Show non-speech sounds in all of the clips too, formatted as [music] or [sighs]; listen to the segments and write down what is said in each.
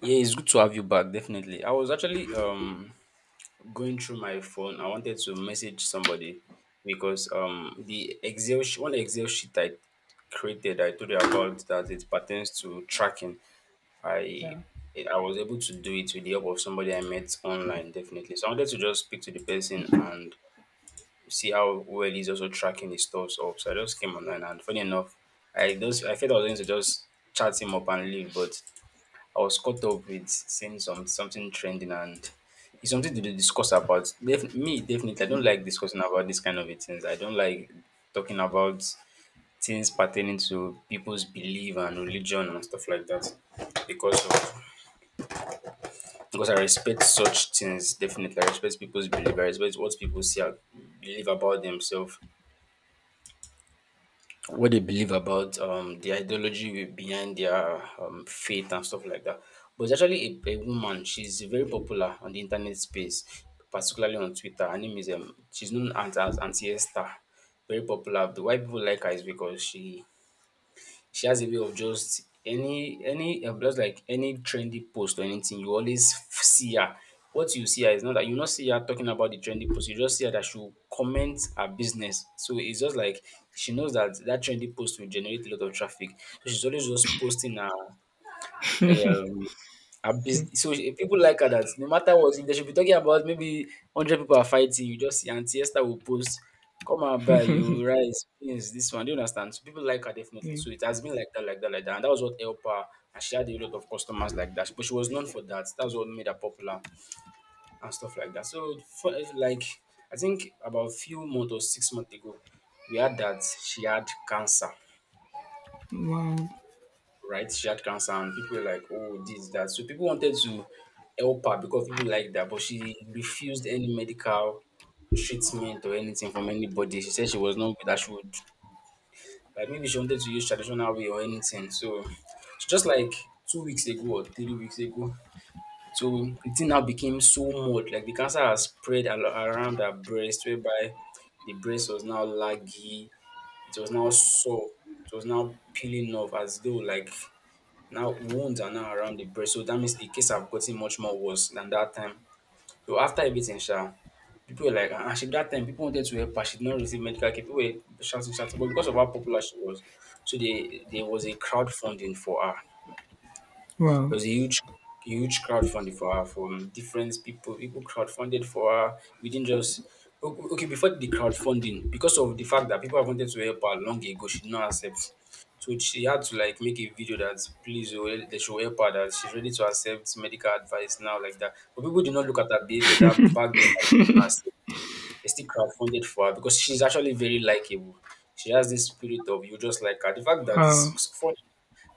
Yeah, it's good to have you back, definitely. I was actually going through my phone. I wanted to message somebody because the one Excel sheet I created, I told you about that it pertains to tracking. I Yeah. I was able to do it with the help of somebody I met online, definitely. So I wanted to just speak to the person and see how well he's also tracking his stuff up. So I just came online and funny enough, I felt I was going to just chat him up and leave, but I was caught up with seeing something trending and it's something to discuss about. Me definitely, I don't like discussing about this kind of a things. I don't like talking about things pertaining to people's belief and religion and stuff like that because of because I respect such things. Definitely, I respect people's belief. I respect what people see, believe about themselves. What they believe about the ideology behind their faith and stuff like that. But it's actually a woman. She's very popular on the internet space, particularly on Twitter. Her name is she's known as Auntie Esther. Very popular. The why people like her is because she has a way of just any just like any trendy post or anything, you always see her. What you see her is not that you not see her talking about the trendy post. You just see her that she will comment her business. So it's just like she knows that that trendy post will generate a lot of traffic. So she's always just posting her um, abi so people like her that no matter what, if they should be talking about maybe 100 people are fighting, you just see Aunty Esther will post, "Come and buy you rice, beans, this one." Do you understand? So people like her definitely. You- So it has been like that, like that, like that. And that was what helped her. And she had a lot of customers like that. But she was known for that. That's what made her popular and stuff like that. So for, like I think about a few months or 6 months ago, we had that she had cancer Wow. right? She had cancer, and people were like, "Oh, this, that." So people wanted to help her because people liked that, but she refused any medical treatment or anything from anybody. She said she was not that she would like maybe she wanted to use traditional way or anything. So just like 2 weeks ago or 3 weeks ago, so the thing now became so much like the cancer has spread around her breast, whereby the breast was now laggy, it was now sore, it was now peeling off as though like now wounds are now around the breast. So that means the case have gotten much more worse than that time. So after everything, sha, people were like, ah, ah, she that time people wanted to help her. She did not receive medical care. People were shouting, shouting. But because of how popular she was, so they there was a crowdfunding for her. It Wow. was a huge, huge crowdfunding for her from different people. People crowdfunded for her. We didn't just okay before the crowdfunding because of the fact that people have wanted to help her long ago. She did not accept, so she had to like make a video that please oh, eh, they should help her that she's ready to accept medical advice now like that. But people did not look at her behavior that back then. As they still crowdfunded for her because she's actually very likable. She has this spirit of you just like her. The fact that this Wow. for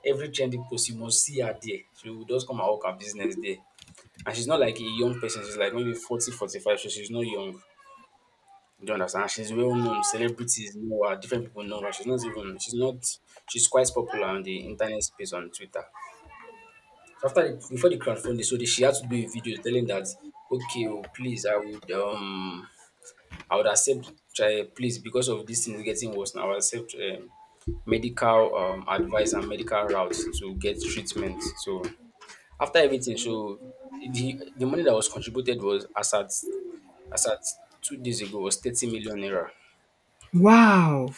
every trending post you must see her there. She will just come and work her business there. And she's not like a young person. She's like maybe 40, 45. So she's not young. Do you don't understand? And she's well known. Celebrities know her. Different people know her. She's not even. She's not. She's quite popular on the internet space on Twitter. Before the crowdfunding, so the, she had to do a video telling that okay, oh, please, I would accept please because of this thing is getting worse now, I would accept medical advice and medical routes to get treatment. So after everything, so the money that was contributed was as at 2 days ago was 30 million naira. Wow.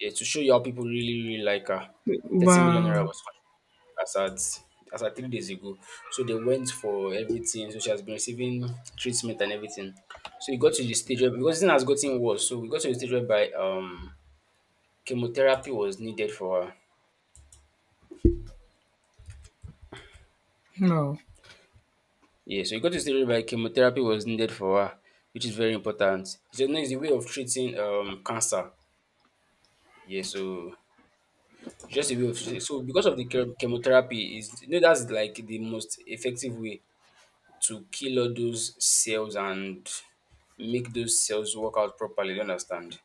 Yeah, to show you how people really, really like her, 30 million naira Wow. was contributed as at 3 days ago. So they went for everything. So she has been receiving treatment and everything. So it got to the stage where because it has gotten worse. So we got to the stage whereby chemotherapy was needed for her. No. Yeah, so it got to the stage whereby chemotherapy was needed for her, which is very important. It's just no, it's a way of treating cancer. Yeah, so it's just a way of treating. So because of the chemotherapy is you know that's like the most effective way to kill all those cells and make those cells work out properly, you understand?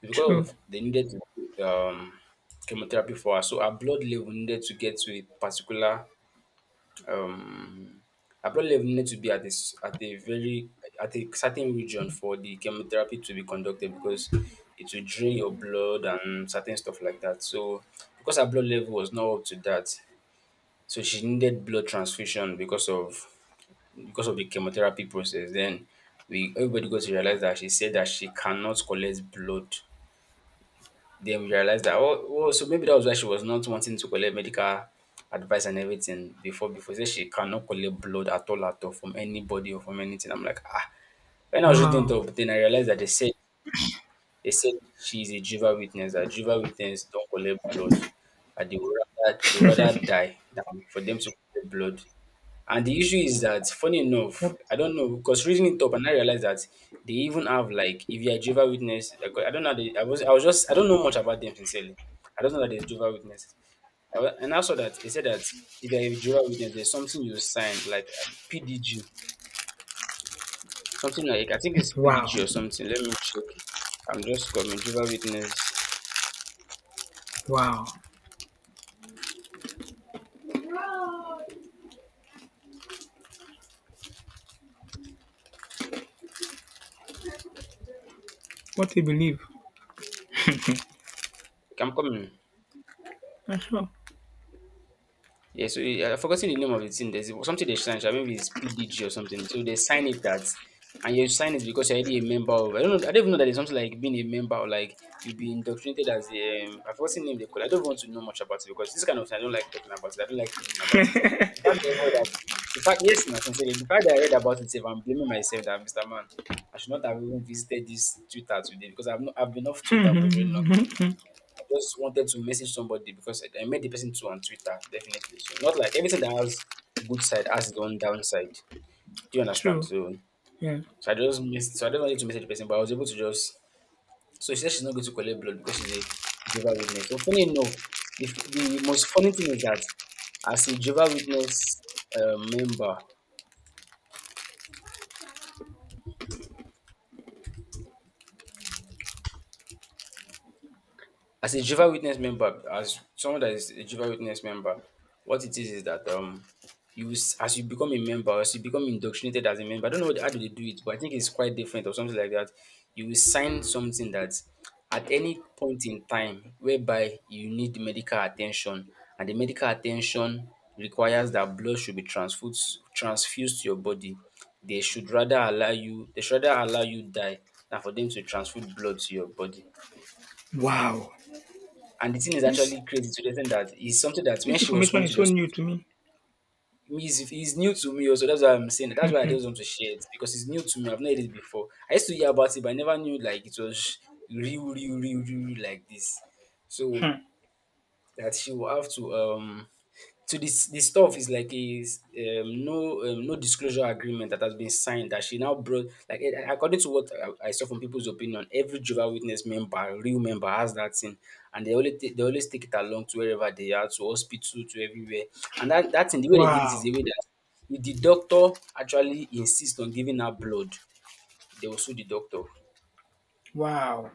Because True. of They needed to chemotherapy for her. So her blood level needed to get to a particular um her blood level needed to be at a very at a certain region for the chemotherapy to be conducted because it will drain your blood and certain stuff like that. So because her blood level was not up to that, so she needed blood transfusion because of the chemotherapy process. Then we everybody got to realize that she said that she cannot collect blood. Then we realized that oh, oh so maybe that was why she was not wanting to collect medical advice and everything before she said she cannot collect blood at all from anybody or from anything. I'm like ah when I was reading it Wow. up, then I realized that they said she is a Jehovah Witness. That Jehovah Witness don't collect blood. That they would rather [laughs] die than for them to collect blood. And the issue is that, funny enough, What? I don't know because reading it up and I realized that they even have like if you're a Jehovah Witness, like, I don't know. They, I was just I don't know much about them sincerely. I don't know that there's Jehovah Witness. And also that they said that if you're a Jehovah Witness, there's something you sign like PDG, something like I think it's Wow. PDG or something. Let me check. I'm just coming Jehovah Witness. Wow. What a belief. [laughs] Like, I'm coming. That's all. Yeah, so I've forgotten the name of the thing. There's something they sign, sha, maybe it's PDG or something. So they sign it that, and you sign it because you're already a member of. I don't know. I don't even know that there's something like being a member or like you'll be indoctrinated as a. I've forgotten the name they call. It. I don't want to know much about it because this kind of thing I don't like talking about it. I don't like reading about it. [laughs] The fact yes, no, sincerely, the fact that I read about it, if I'm blaming myself that Mr. Man, I should not have even visited this Twitter today because I've not, I've been off Twitter for a very long I just wanted to message somebody because I met the person too on Twitter, definitely. So not like everything that has good side has its own downside. Do you understand? True. So Yeah. so I just missed so I don't wanted to message the person, but I was able to just so she said she's not going to collect blood because she's a Jehovah Witness. So funny enough, the, the most funny thing is that as a Jehovah Witness uh, member, As a Jehovah Witness member, as someone that is a Jehovah Witness member, what it is that as you become a member, as you become indoctrinated as a member, I don't know how do they do it, but I think it's quite different or something like that. You will sign something that at any point in time whereby you need medical attention, and the medical attention requires that blood should be transfused to your body. They should rather allow you die than for them to transfuse blood to your body. Wow. And the thing is This actually crazy to the thing that it's something that when this she was information coming to is the so hospital, new to me. he's new to me also. That's why I'm saying that. That's why I don't want [laughs] to share it because it's new to me. I've not heard it before. I used to hear about it, but I never knew like it was real, real, real, real, real like this. So Hmm. that she will have to so this stuff is like a no no disclosure agreement that has been signed that she now brought like according to what I saw from people's opinion, every Jehovah Witness member, real member, has that thing, and they always take it along to wherever they are, to hospital, to everywhere. And that thing, the way they did it is Wow. the way that if the doctor actually insists on giving her blood, they will sue the doctor. Wow.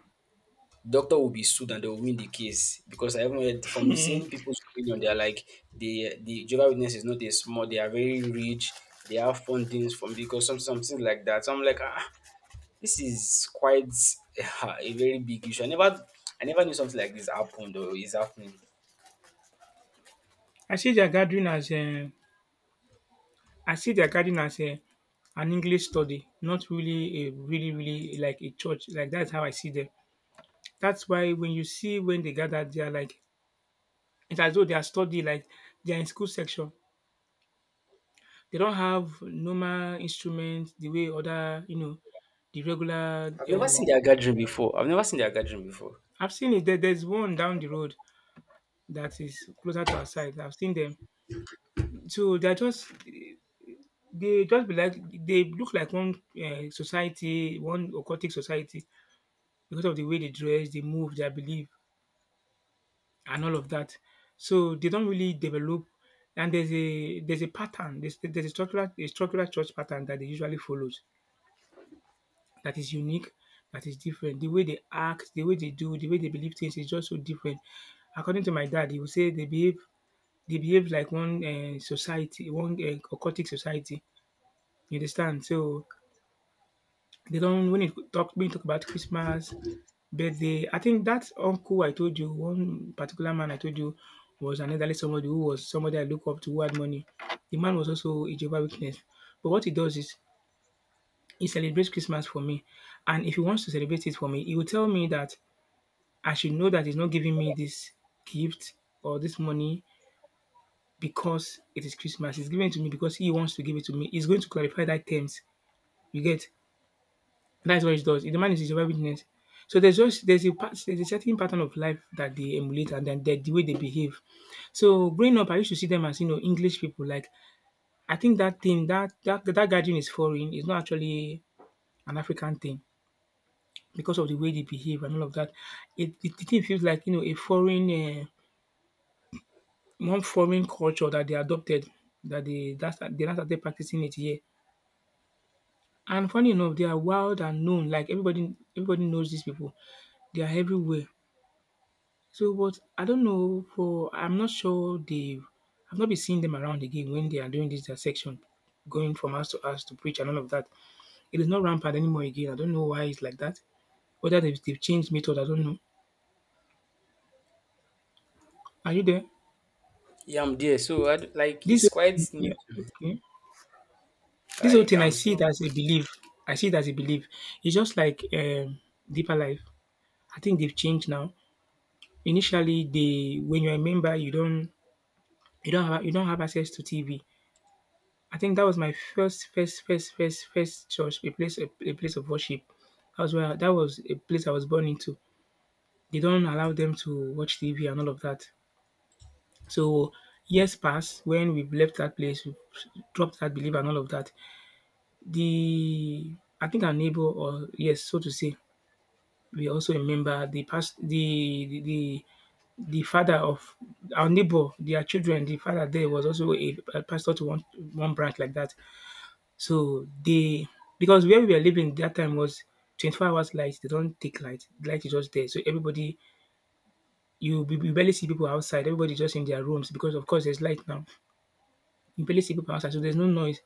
Doctor will be sued and they will win the case, because I haven't heard [laughs] from seeing people's opinion. They are like the Jehovah Witness is not a small. They are very rich. They have fundings from because some something like that. So I'm like, ah, this is quite [laughs] a very big issue. I never knew something like this happened or is happening. I see they're gathering as a, I see they're gathering as a an English study, not really a really like a church. Like that's how I see them. That's why when you see when they gather, they are like it's as though they are study like they are in school section. They don't have normal instruments the way other the regular. I've never seen their gathering before. I've never seen their gathering before. I've seen it. There's one down the road that is closer to our side. I've seen them. So they're just they just be like they look like one society, one occultic society because of the way they dress, they move, their belief, and all of that. So they don't really develop. And there's a pattern. There's a structural church pattern that they usually follows that is unique, that is different. The way they act, the way they do, the way they believe things is just so different. According to my dad, he would say they behave like one society, one occultic society. You understand? So they don't when it talk when you talk about Christmas, birthday, I think that uncle I told you, one particular man I told you was an elderly somebody who was somebody I look up to who had money. The man was also a Jehovah Witness. But what he does is he celebrates Christmas for me. And if he wants to celebrate it for me, he will tell me that I should know that he's not giving me this gift or this money because it is Christmas. It's given to me because he wants to give it to me. He's going to clarify that terms. You get that's what it does. It demands is survival witness. So there's just there's a part there's a certain pattern of life that they emulate and then the way they behave. So growing up, I used to see them as English people. Like I think that thing that that gathering is foreign. It's not actually an African thing because of the way they behave and all of that. It the thing feels like a foreign one foreign culture that they adopted that they that's they not started practicing it here. And funny enough, they are wild and known. Like everybody knows these people. They are everywhere. So, but I don't know for I'm not sure they I've not been seeing them around again when they are doing this their section, going from house to house to preach and all of that. It is not rampant anymore again. I don't know why it's like that. Whether they've changed method, I don't know. Are you there? Yeah, I'm there. So like it's quite new. Yeah, okay. This whole Like thing, I I'm see still. it as a belief. I see it as a belief. It's just like deeper life. I think they've changed now. Initially, they when you're a member, you don't you don't have access to TV. I think that was my first church, a place, a place of worship. That was where that was a place I was born into. They don't allow them to watch TV and all of that. So years passed when we left that place, we dropped that belief and all of that. The I think our neighbor, or yes, so to say, we also remember the past, the father of our neighbor, their children, the father there was also a pastor to one branch like that. So they because where we were living that time was 24 hours light. They don't take light. Light is just there. So everybody, you barely see people outside. Everybody just in their rooms because, of course, there's light now. You barely see people outside. So there's no noise.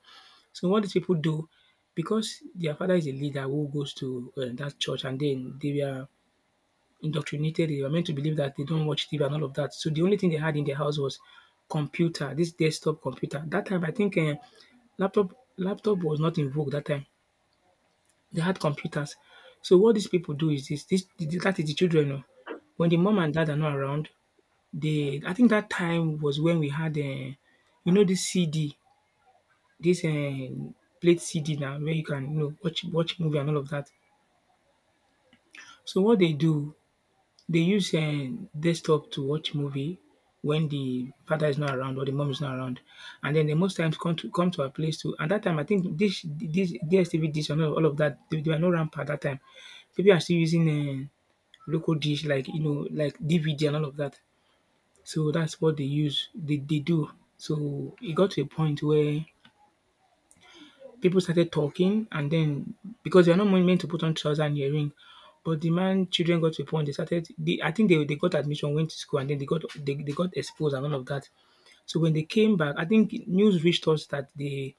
So what these people do, because their father is a leader who goes to that church and then they were indoctrinated. They were meant to believe that they don't watch TV and all of that. So the only thing they had in their house was computer, this desktop computer. That time, I think laptop was not in vogue that time. They had computers. So what these people do is this that is the children oh, when the mom and dad are not around, they I think that time was when we had, this CD, played CD now where you can, watch movie and all of that. So what they do, they use, a desktop to watch movie when the father is not around or the mom is not around, and then they most times come to our place to and that time I think this DSTV Dish and all of that, they were not rampant at that time. People are still using, local dish like like DVD and all of that. So that's what they use. They do. So it got to a point where people started talking, and then because they are not meant to put on trousers and earring, but the man children got to a point. I think they got admission, went to school, and then they got exposed and all of that. So when they came back, I think news reached us that they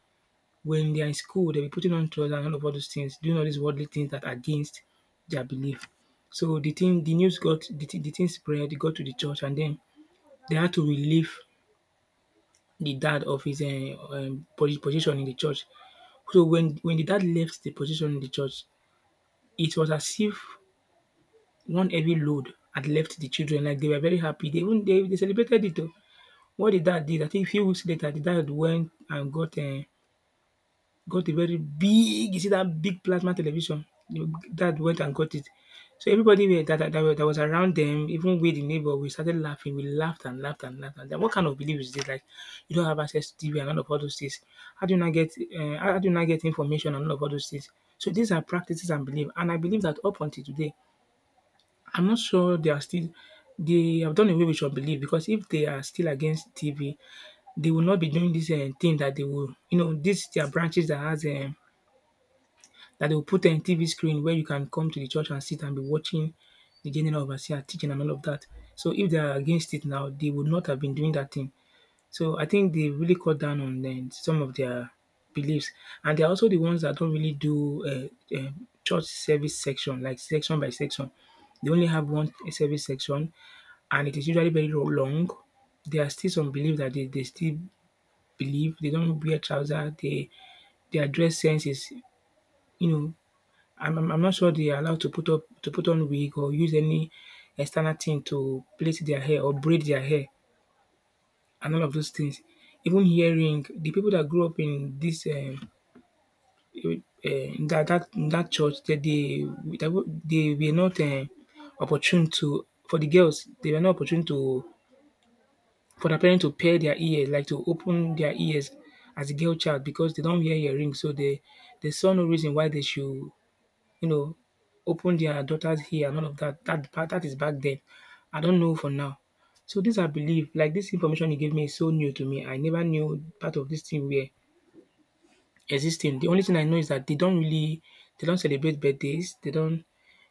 when they are in school, they'll be putting on trousers and all of all those things, doing all these worldly things that are against their belief. So the thing, the news got the thing spread, it got to the church, and then they had to relieve the dad of his position in the church. So when the dad left the position in the church, it was as if one heavy load had left the children. Like they were very happy. They even they celebrated it. Oh. What the dad did, I think a few weeks later, the dad went and got got a very big you see that big plasma television, your dad went and got it. So everybody were that that was around them, even we the neighbor, we started laughing. We laughed and laughed and laughed. And then what kind of belief is this? Like you don't have access to TV and all of all those things. How do you not get information and all of all those things? So these are practices and belief. And I believe that up until today, I'm not sure they are still they have done away with your belief because if they are still against TV, they will not be doing this thing that they will, this their branches that has that they will put TV screen where you can come to the church and sit and be watching the general overseer teaching and all of that. So if they are against it now, they would not have been doing that thing. So I think they really cut down on some of their beliefs, and they're also the ones that don't really do church service section like section by section. They only have one service section, and it is usually very long. There are still some belief that they still believe they don't wear trousers. They their dress sense is you know I'm not sure they are allowed to put up to put on wig or use any external thing to plait their hair or braid their hair and all of those things. Even hearing the people that grew up in this in that in that church that they they were not opportune to for the girls they were not opportune to for the parents to pair their ears like to open their ears as a girl child because they don't wear earrings so they saw no reason why they should you know, open their daughter's ear and all of that. That part that is back then. I don't know for now. So these are belief. Like this information you gave me is so new to me. I never knew part of this thing were existing. The only thing I know is that they don't really they don't celebrate birthdays. They don't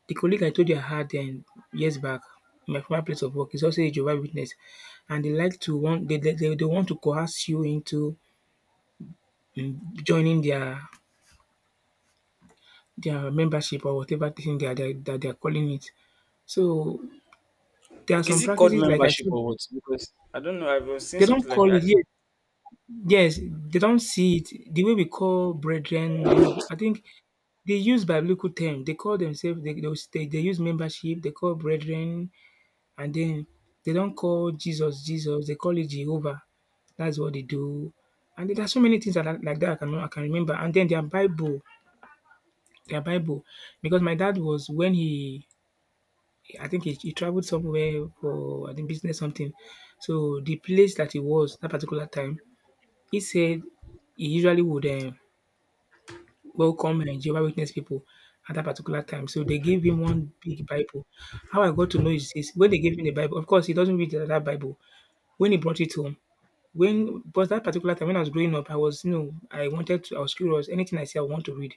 The colleague I told you I had then years back, in my former place of work, is also a Jehovah Witness, and they like to want they want to coerce you into joining their membership or whatever thing they are calling it. So there are Like, some is it called practices, like I membership said, or what? Because I don't know. I've seen they don't something like call it that. Yes, they don't see it the way we call brethren and all of I think they use biblical term. They call themselves they use membership, they call brethren, and then they don't call Jesus, Jesus, they call it Jehovah. That's what they do. And there are so many things that are like that I can remember. And then their Bible, their Bible, because my dad was when he I think he traveled somewhere for I think business something. So the place that he was that particular time, he said he usually would welcome Jehovah Witness people at that particular time. So they gave him one big Bible. How I got to know is this: when they gave him the Bible, of course he doesn't read that Bible. When he brought it home, when but that particular time when I was growing up, I was curious. Anything I see, I want to read.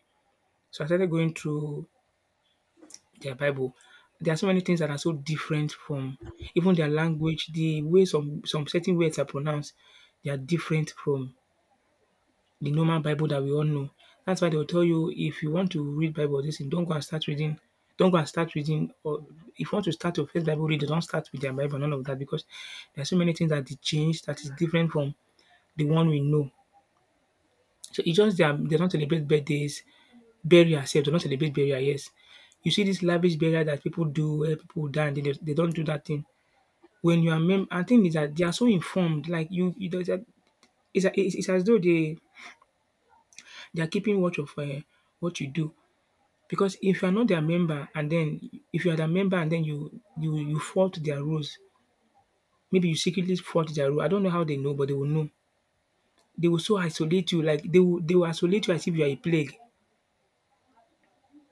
So I started going through their Bible. There are so many things that are so different from even their language, the way some certain words are pronounced, they are different from the normal Bible that we all know. That's why they'll tell you if you want to read Bible, this thing, don't go and start reading, don't go and start reading, or if you want to start your first Bible reader, don't start with their Bible, none of that, because there are so many things that they change that is different from the one we know. So it's just they don't celebrate birthdays. Burial sef, dem don celebrate burial, yes. You see this lavish burial that people do where pipu die and den de don do that thing. When you are mem and tin is that they are so informed like you there's it's it's as though they are keeping watch of what you do because if you are not their member and then if you are their member and then you fault their rules, maybe you secretly fault their rule, I don't know how they know but they will know. They will so isolate you like they will isolate you as if you are a plague.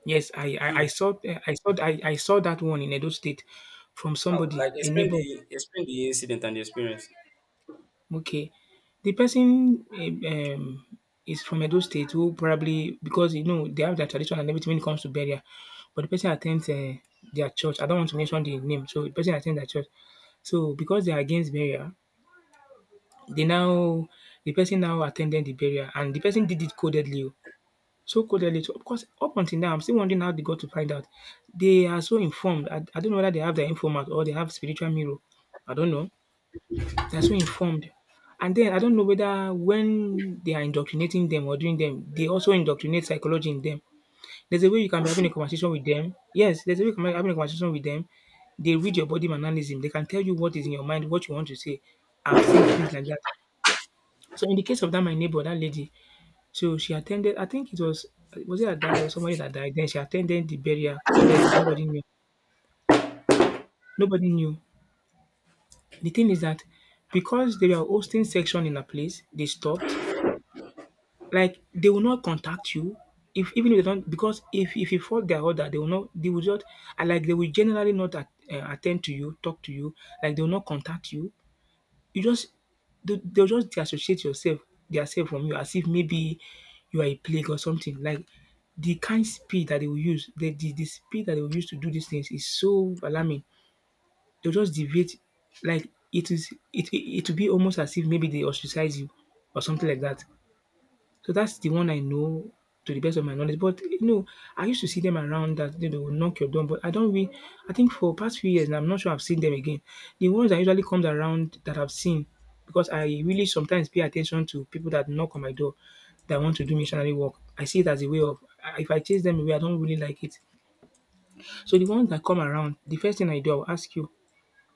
Yes, I I, Hmm. I saw I saw that one in Edo State from How, somebody, like, a explain neighbor. the incident and the experience. Okay, the person is from Edo State who probably because you know they have their tradition and everything when it comes to burial, but the person attends their church. I don't want to mention the name, so the person attends their church. So because they are against burial, they now the person now attended the burial and the person did it codedly. So codedly to of course, up until now, I'm still wondering how they got to find out. They are so informed. I don't know whether they have their informant or they have spiritual mirror. I don't know. They are so informed. And then I don't know whether when they are indoctrinating them or doing them, they also indoctrinate psychology in them. There's a way you can be having a conversation with them. Yes, there's a way you can be having a conversation with them. They read your body mannerism. They can tell you what is in your mind, what you want to say. I've seen things like that. So in the case of that, my neighbor, that lady, so she attended I think it was it her dad or somebody that died, then she attended the burial coldly, nobody knew nobody knew. The thing is that because they were hosting section in a place, they stopped. Like they will not contact you if even if they don't because if you fault their order, they will not, and like they will generally not at attend to you, talk to you, like they will not contact you. You just they'll just disassociate yourself theirself from you as if maybe you are a plague or something. Like the kind speed that they will use, the speed that they will use to do these things is so alarming. They'll just deviate like it is it it, it will be almost as if maybe they ostracize you or something like that. So that's the one I know to the best of my knowledge. But you know, I used to see them around that they will knock your door, but I don't really I think for past few years now, I'm not sure I've seen them again. The ones that usually comes around that I've seen, because I really sometimes pay attention to people that knock on my door that want to do missionary work. I see it as a way of if I chase them away, I don't really like it. So the ones that come around, the first thing I do, I'll ask you,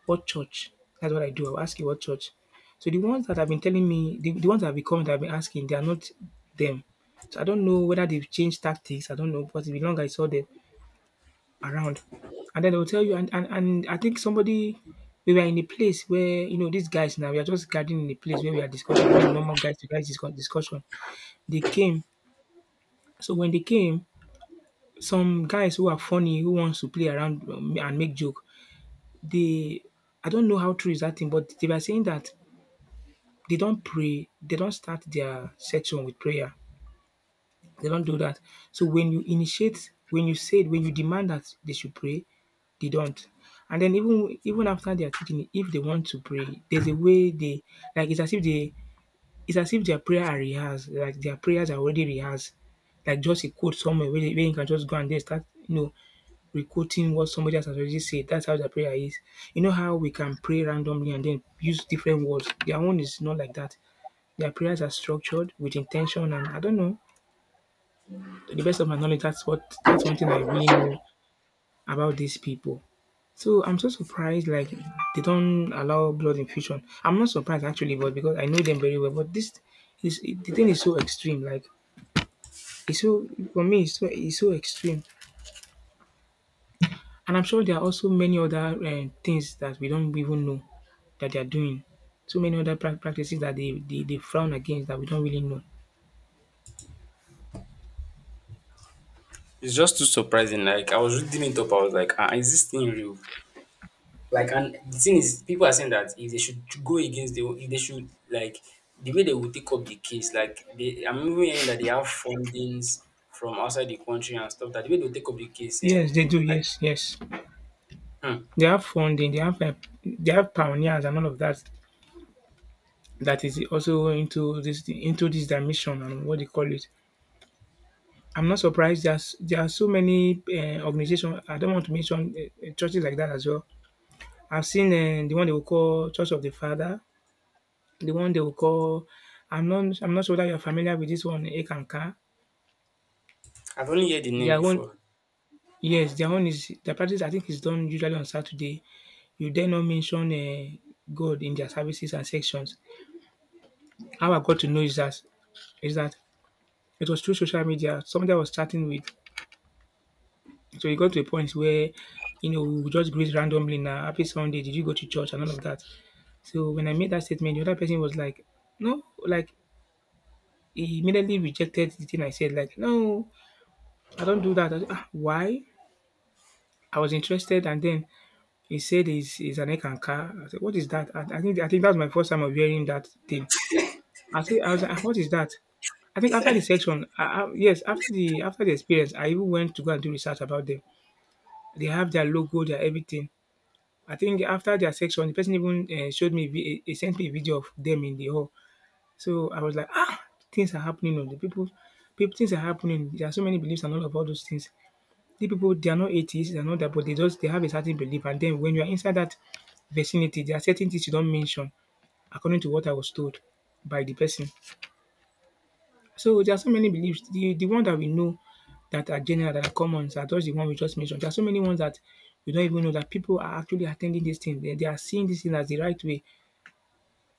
what church? That's what I do. I'll ask you what church. So the ones that have been telling me, the ones that have been coming, that have been asking, they are not them. So I don't know whether they've changed tactics. I don't know, because it's been long I saw them around. And then they'll tell you, and I think somebody, we were in a place where, you know, these guys now, we are just gathering in a place where we are discussing, having normal guys to guys discussion. They came. So when they came, some guys who are funny, who wants to play around and make joke, they, I don't know how true is that thing, but they were saying that they don't pray, they don't start their session with prayer. They don't do that. So when you initiate, when you demand that they should pray, they don't. And then even after they are teaching, if they want to pray, there's a way they like it's as if they it's as if their prayer are rehearsed, like their prayers are already rehearsed. Like just a quote somewhere where, where you can just go and then start, you know, requoting what somebody else has already said. That's how their prayer is. You know how we can pray randomly and then use different words. Their own is not like that. Their prayers are structured with intention, and I don't know. To the best of my knowledge, that's one thing I really know about these people. So I'm so surprised, like they don't allow blood infusion. I'm not surprised actually, but because I know them very well. But this is the thing is so extreme. Like it's so for me, it's so extreme. And I'm sure there are also many other things that we don't even know that they are doing. So many other practices that they they frown against that we don't really know. It's just too surprising. Like I was reading it up, I was like, ah, is this thing real? Like, and the thing is, people are saying that if they should go against the, if they should like the way they would take up the case, like they, I'm even hearing that they have fundings from outside the country and stuff. That the way they will take up the case, eh, Yes, they do. I, Yes, yes. hmm, They have funding, they have pioneers and all of that that is also into this dimension and what they call it. I'm not surprised there are so many organization I don't want to mention churches like that as well. I've seen the one they will call Church of the Father, the one they will call I'm not sure that you're familiar with this one Ekankar. I've only heard the name Their own before. yes, their own is their practice I think is done usually on Saturday. You dare not mention God in their services and sections. How I got to know is that is that it was through social media, somebody I was chatting with. So it got to a point where, you know, we would just greet randomly now. Happy Sunday, did you go to church and all of that? So when I made that statement, the other person was like, no, like he immediately rejected the thing I said, like, no, I don't do that. I said, ah, why? I was interested and then he's an Ekanka. I said, what is that? I think that was my first time of hearing that thing. I was like, "Ah, what is that?" I think after the section, after the experience, I even went to go and do research about them. They have their logo, their everything. I think after their section, the person even showed me, he sent me a video of them in the hall. So I was like, ah, things are happening. Oh, the people, people, things are happening. There are so many beliefs and all of all those things. The people, they are not atheists, they are not that, but they just they have a certain belief. And then when you are inside that vicinity, there are certain things you don't mention, according to what I was told by the person. So there are so many beliefs. The one that we know that are general, that are common, are just the one we just mentioned. There are so many ones that we don't even know that people are actually attending this thing. They are seeing this thing as the right way.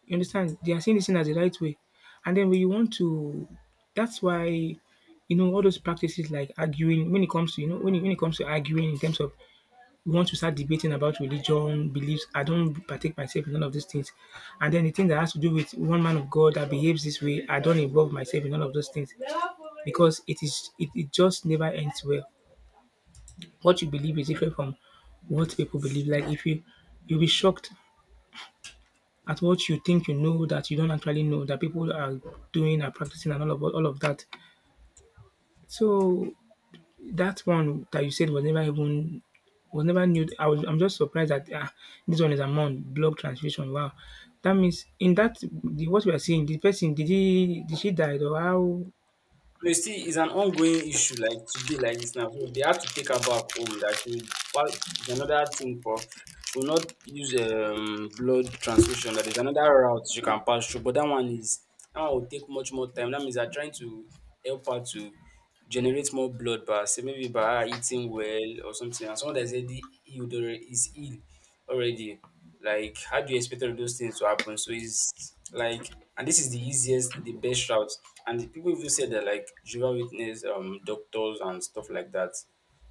You understand? They are seeing this thing as the right way. And then when you want to, that's why, you know, all those practices like arguing, when it comes to, you know, when it comes to arguing in terms of we want to start debating about religion, beliefs. I don't partake myself in none of these things. And then the thing that has to do with one man of God that behaves this way, I don't involve myself in none of those things because it just never ends well. What you believe is different from what people believe. Like if you you'll be shocked at what you think you know that you don't actually know that people are doing and practicing and all of that. So that one that you said was never even was never knew. I'm just surprised that this one is among blood transfusion. Wow, that means in that the what we are seeing, the person did she died or how? You see, it's an ongoing issue like today, like this now. So they have to take her back home. That she would part is another thing for she will not use blood transfusion. That is another route she can pass through. But that one is that one will take much more time. That means they're trying to help her to generate more blood by say maybe by her eating well or something. And someone that is already healed already is ill already. Like how do you expect all of those things to happen? So it's like and this is the easiest, the best route. And the people even say that like Jehovah Witness, doctors and stuff like that.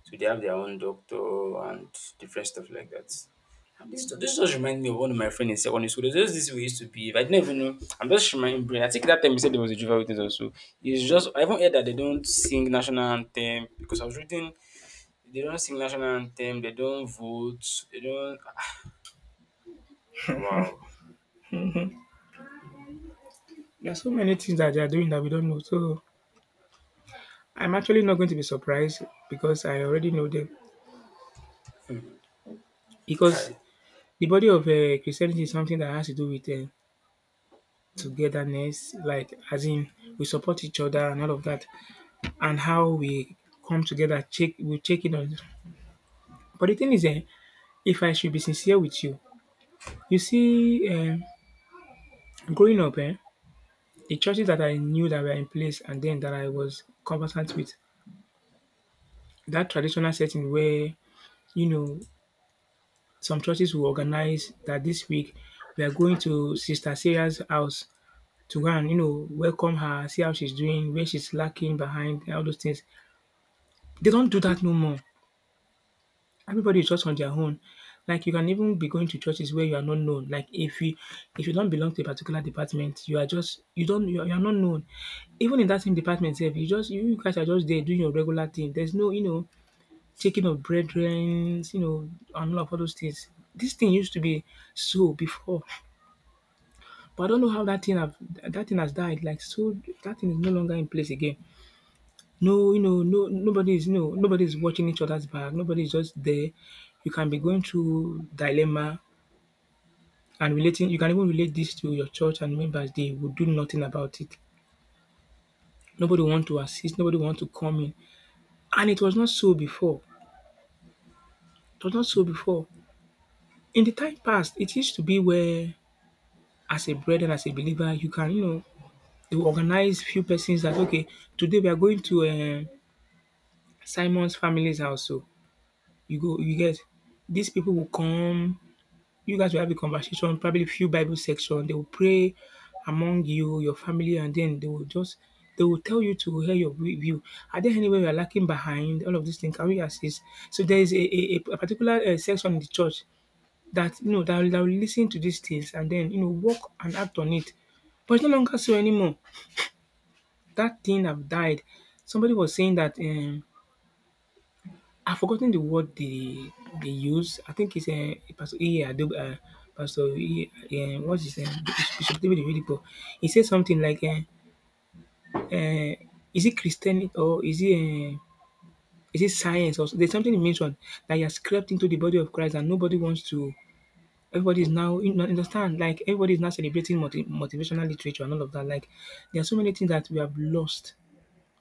So they have their own doctor and different stuff like that. This just reminds me of one of my friends in secondary school. There's just this way we used to be. I didn't even know. I'm just remembering. Brain. I think that time he said there was a Juva witness also. It's just I even heard that they don't sing national anthem because I was reading. They don't sing national anthem. They don't vote. They don't. [sighs] Wow. There are so many things that they are doing that we don't know. So I'm actually not going to be surprised because I already know them. Because Okay. the body of Christianity is something that has to do with togetherness, like as in we support each other and all of that, and how we come together. Check we check it on. But the thing is, if I should be sincere with you, you see, growing up, the churches that I knew that were in place and then that I was conversant with, that traditional setting where, you know, some churches will organize that this week we are going to Sister Sarah's house to go and, you know, welcome her, see how she's doing, where she's lacking behind, and all those things. They don't do that no more. Everybody is just on their own. Like you can even be going to churches where you are not known. Like if you don't belong to a particular department, you are just you don't you are not known. Even in that same department if you just you guys are just there doing your regular thing. There's no, you know, taking of brethren, you know, and all of all those things. This thing used to be so before. [laughs] But I don't know how that thing have that thing has died. Like so that thing is no longer in place again. No, you know, no, nobody is you know, nobody is watching each other's back. Nobody is just there. You can be going through dilemma and relating. You can even relate this to your church and members. They will do nothing about it. Nobody want to assist. Nobody want to come in. And it was not so before. It was not so before. In the time past, it used to be where, as a brother, as a believer, you can, you know, they will organize few persons that okay, today we are going to Simon's family's house. So you go, you get these people will come. You guys will have a conversation, probably a few Bible section. They will pray among you, your family, and then they will just they will tell you to hear your view. Are there anywhere we are lacking behind? All of these things can we assist? So there is a particular section in the church that you know that, that will listen to these things and then you know work and act on it. But it's no longer so anymore. That thing have died. Somebody was saying that. I've forgotten the word they use. I think it's a Pastor Pastor what's his name? Bishop David Oyedepo. He said something like, uh, "Is it Christian or uh, is it science?" There's something he mentioned that he has crept into the body of Christ and nobody wants to. Everybody is now you know, understand like everybody is now celebrating motivational literature and all of that. Like there are so many things that we have lost,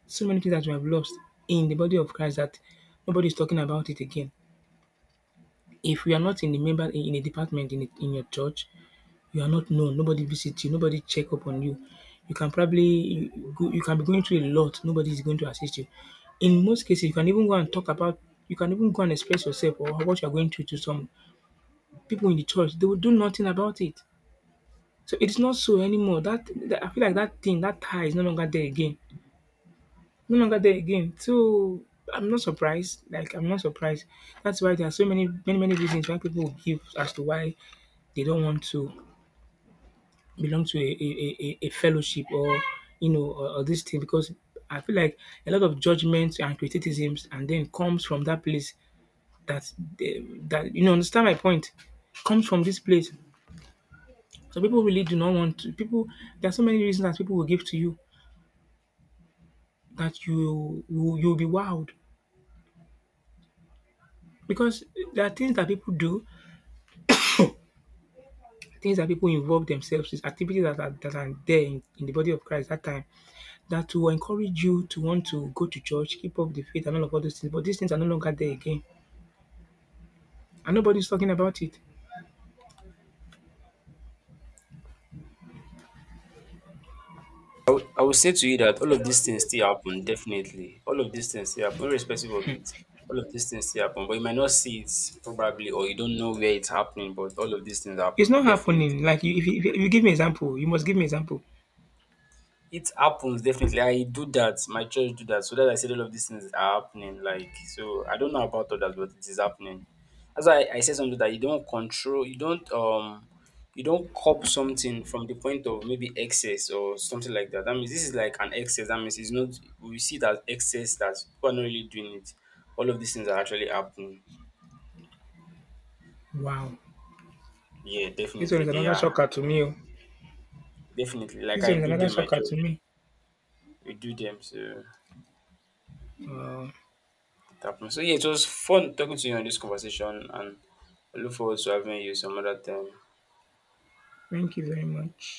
so many things that we have lost in the body of Christ that nobody is talking about it again. If you are not in a member in a department in in your church, you are not known, nobody visits you, nobody check up on you. You can probably go. You can be going through a lot, nobody is going to assist you. In most cases, you can even go and talk about you can even go and express yourself or what you are going through to some people in the church. They will do nothing about it. So it is not so anymore. That I feel like that thing, that tie is no longer there again. No longer there again. So I'm not surprised. Like I'm not surprised. That's why there are so many, many, many reasons why people will give as to why they don't want to belong to a fellowship or you know or this thing because I feel like a lot of judgments and criticisms and then comes from that place that they, that you know understand my point comes from this place. So people really do not want to people there are so many reasons that people will give to you that you'll be wowed because there are things that people do, things that people involve themselves with activities that are there in the body of Christ that time that will encourage you to want to go to church, keep up the faith, and all of all those things. But these things are no longer there again, and nobody's talking about it. I would say to you that all of these things still happen. Definitely, all of these things still happen, irrespective of it. All of these things still happen, but you might not see it probably, or you don't know where it's happening. But all of these things It's happen. not Definitely. happening. Like if you give me an example, you must give me an example. It happens definitely. I do that. My church do that. So that I said all of these things are happening. Like so, I don't know about others, but it is happening. That's why I said something that you don't control. You don't cop something from the point of maybe excess or something like that. That means this is like an excess. That means it's not. We see that excess that people are not really doing it. All of these things are actually happening. Wow, Yeah, this one definitely is they another are. shocker to me. Oh. Definitely, like This I one is do another them. I shocker do. to me. We do them. So. Wow, It. So yeah, it was fun talking to you on this conversation and I look forward to having you some other time. thank you very much.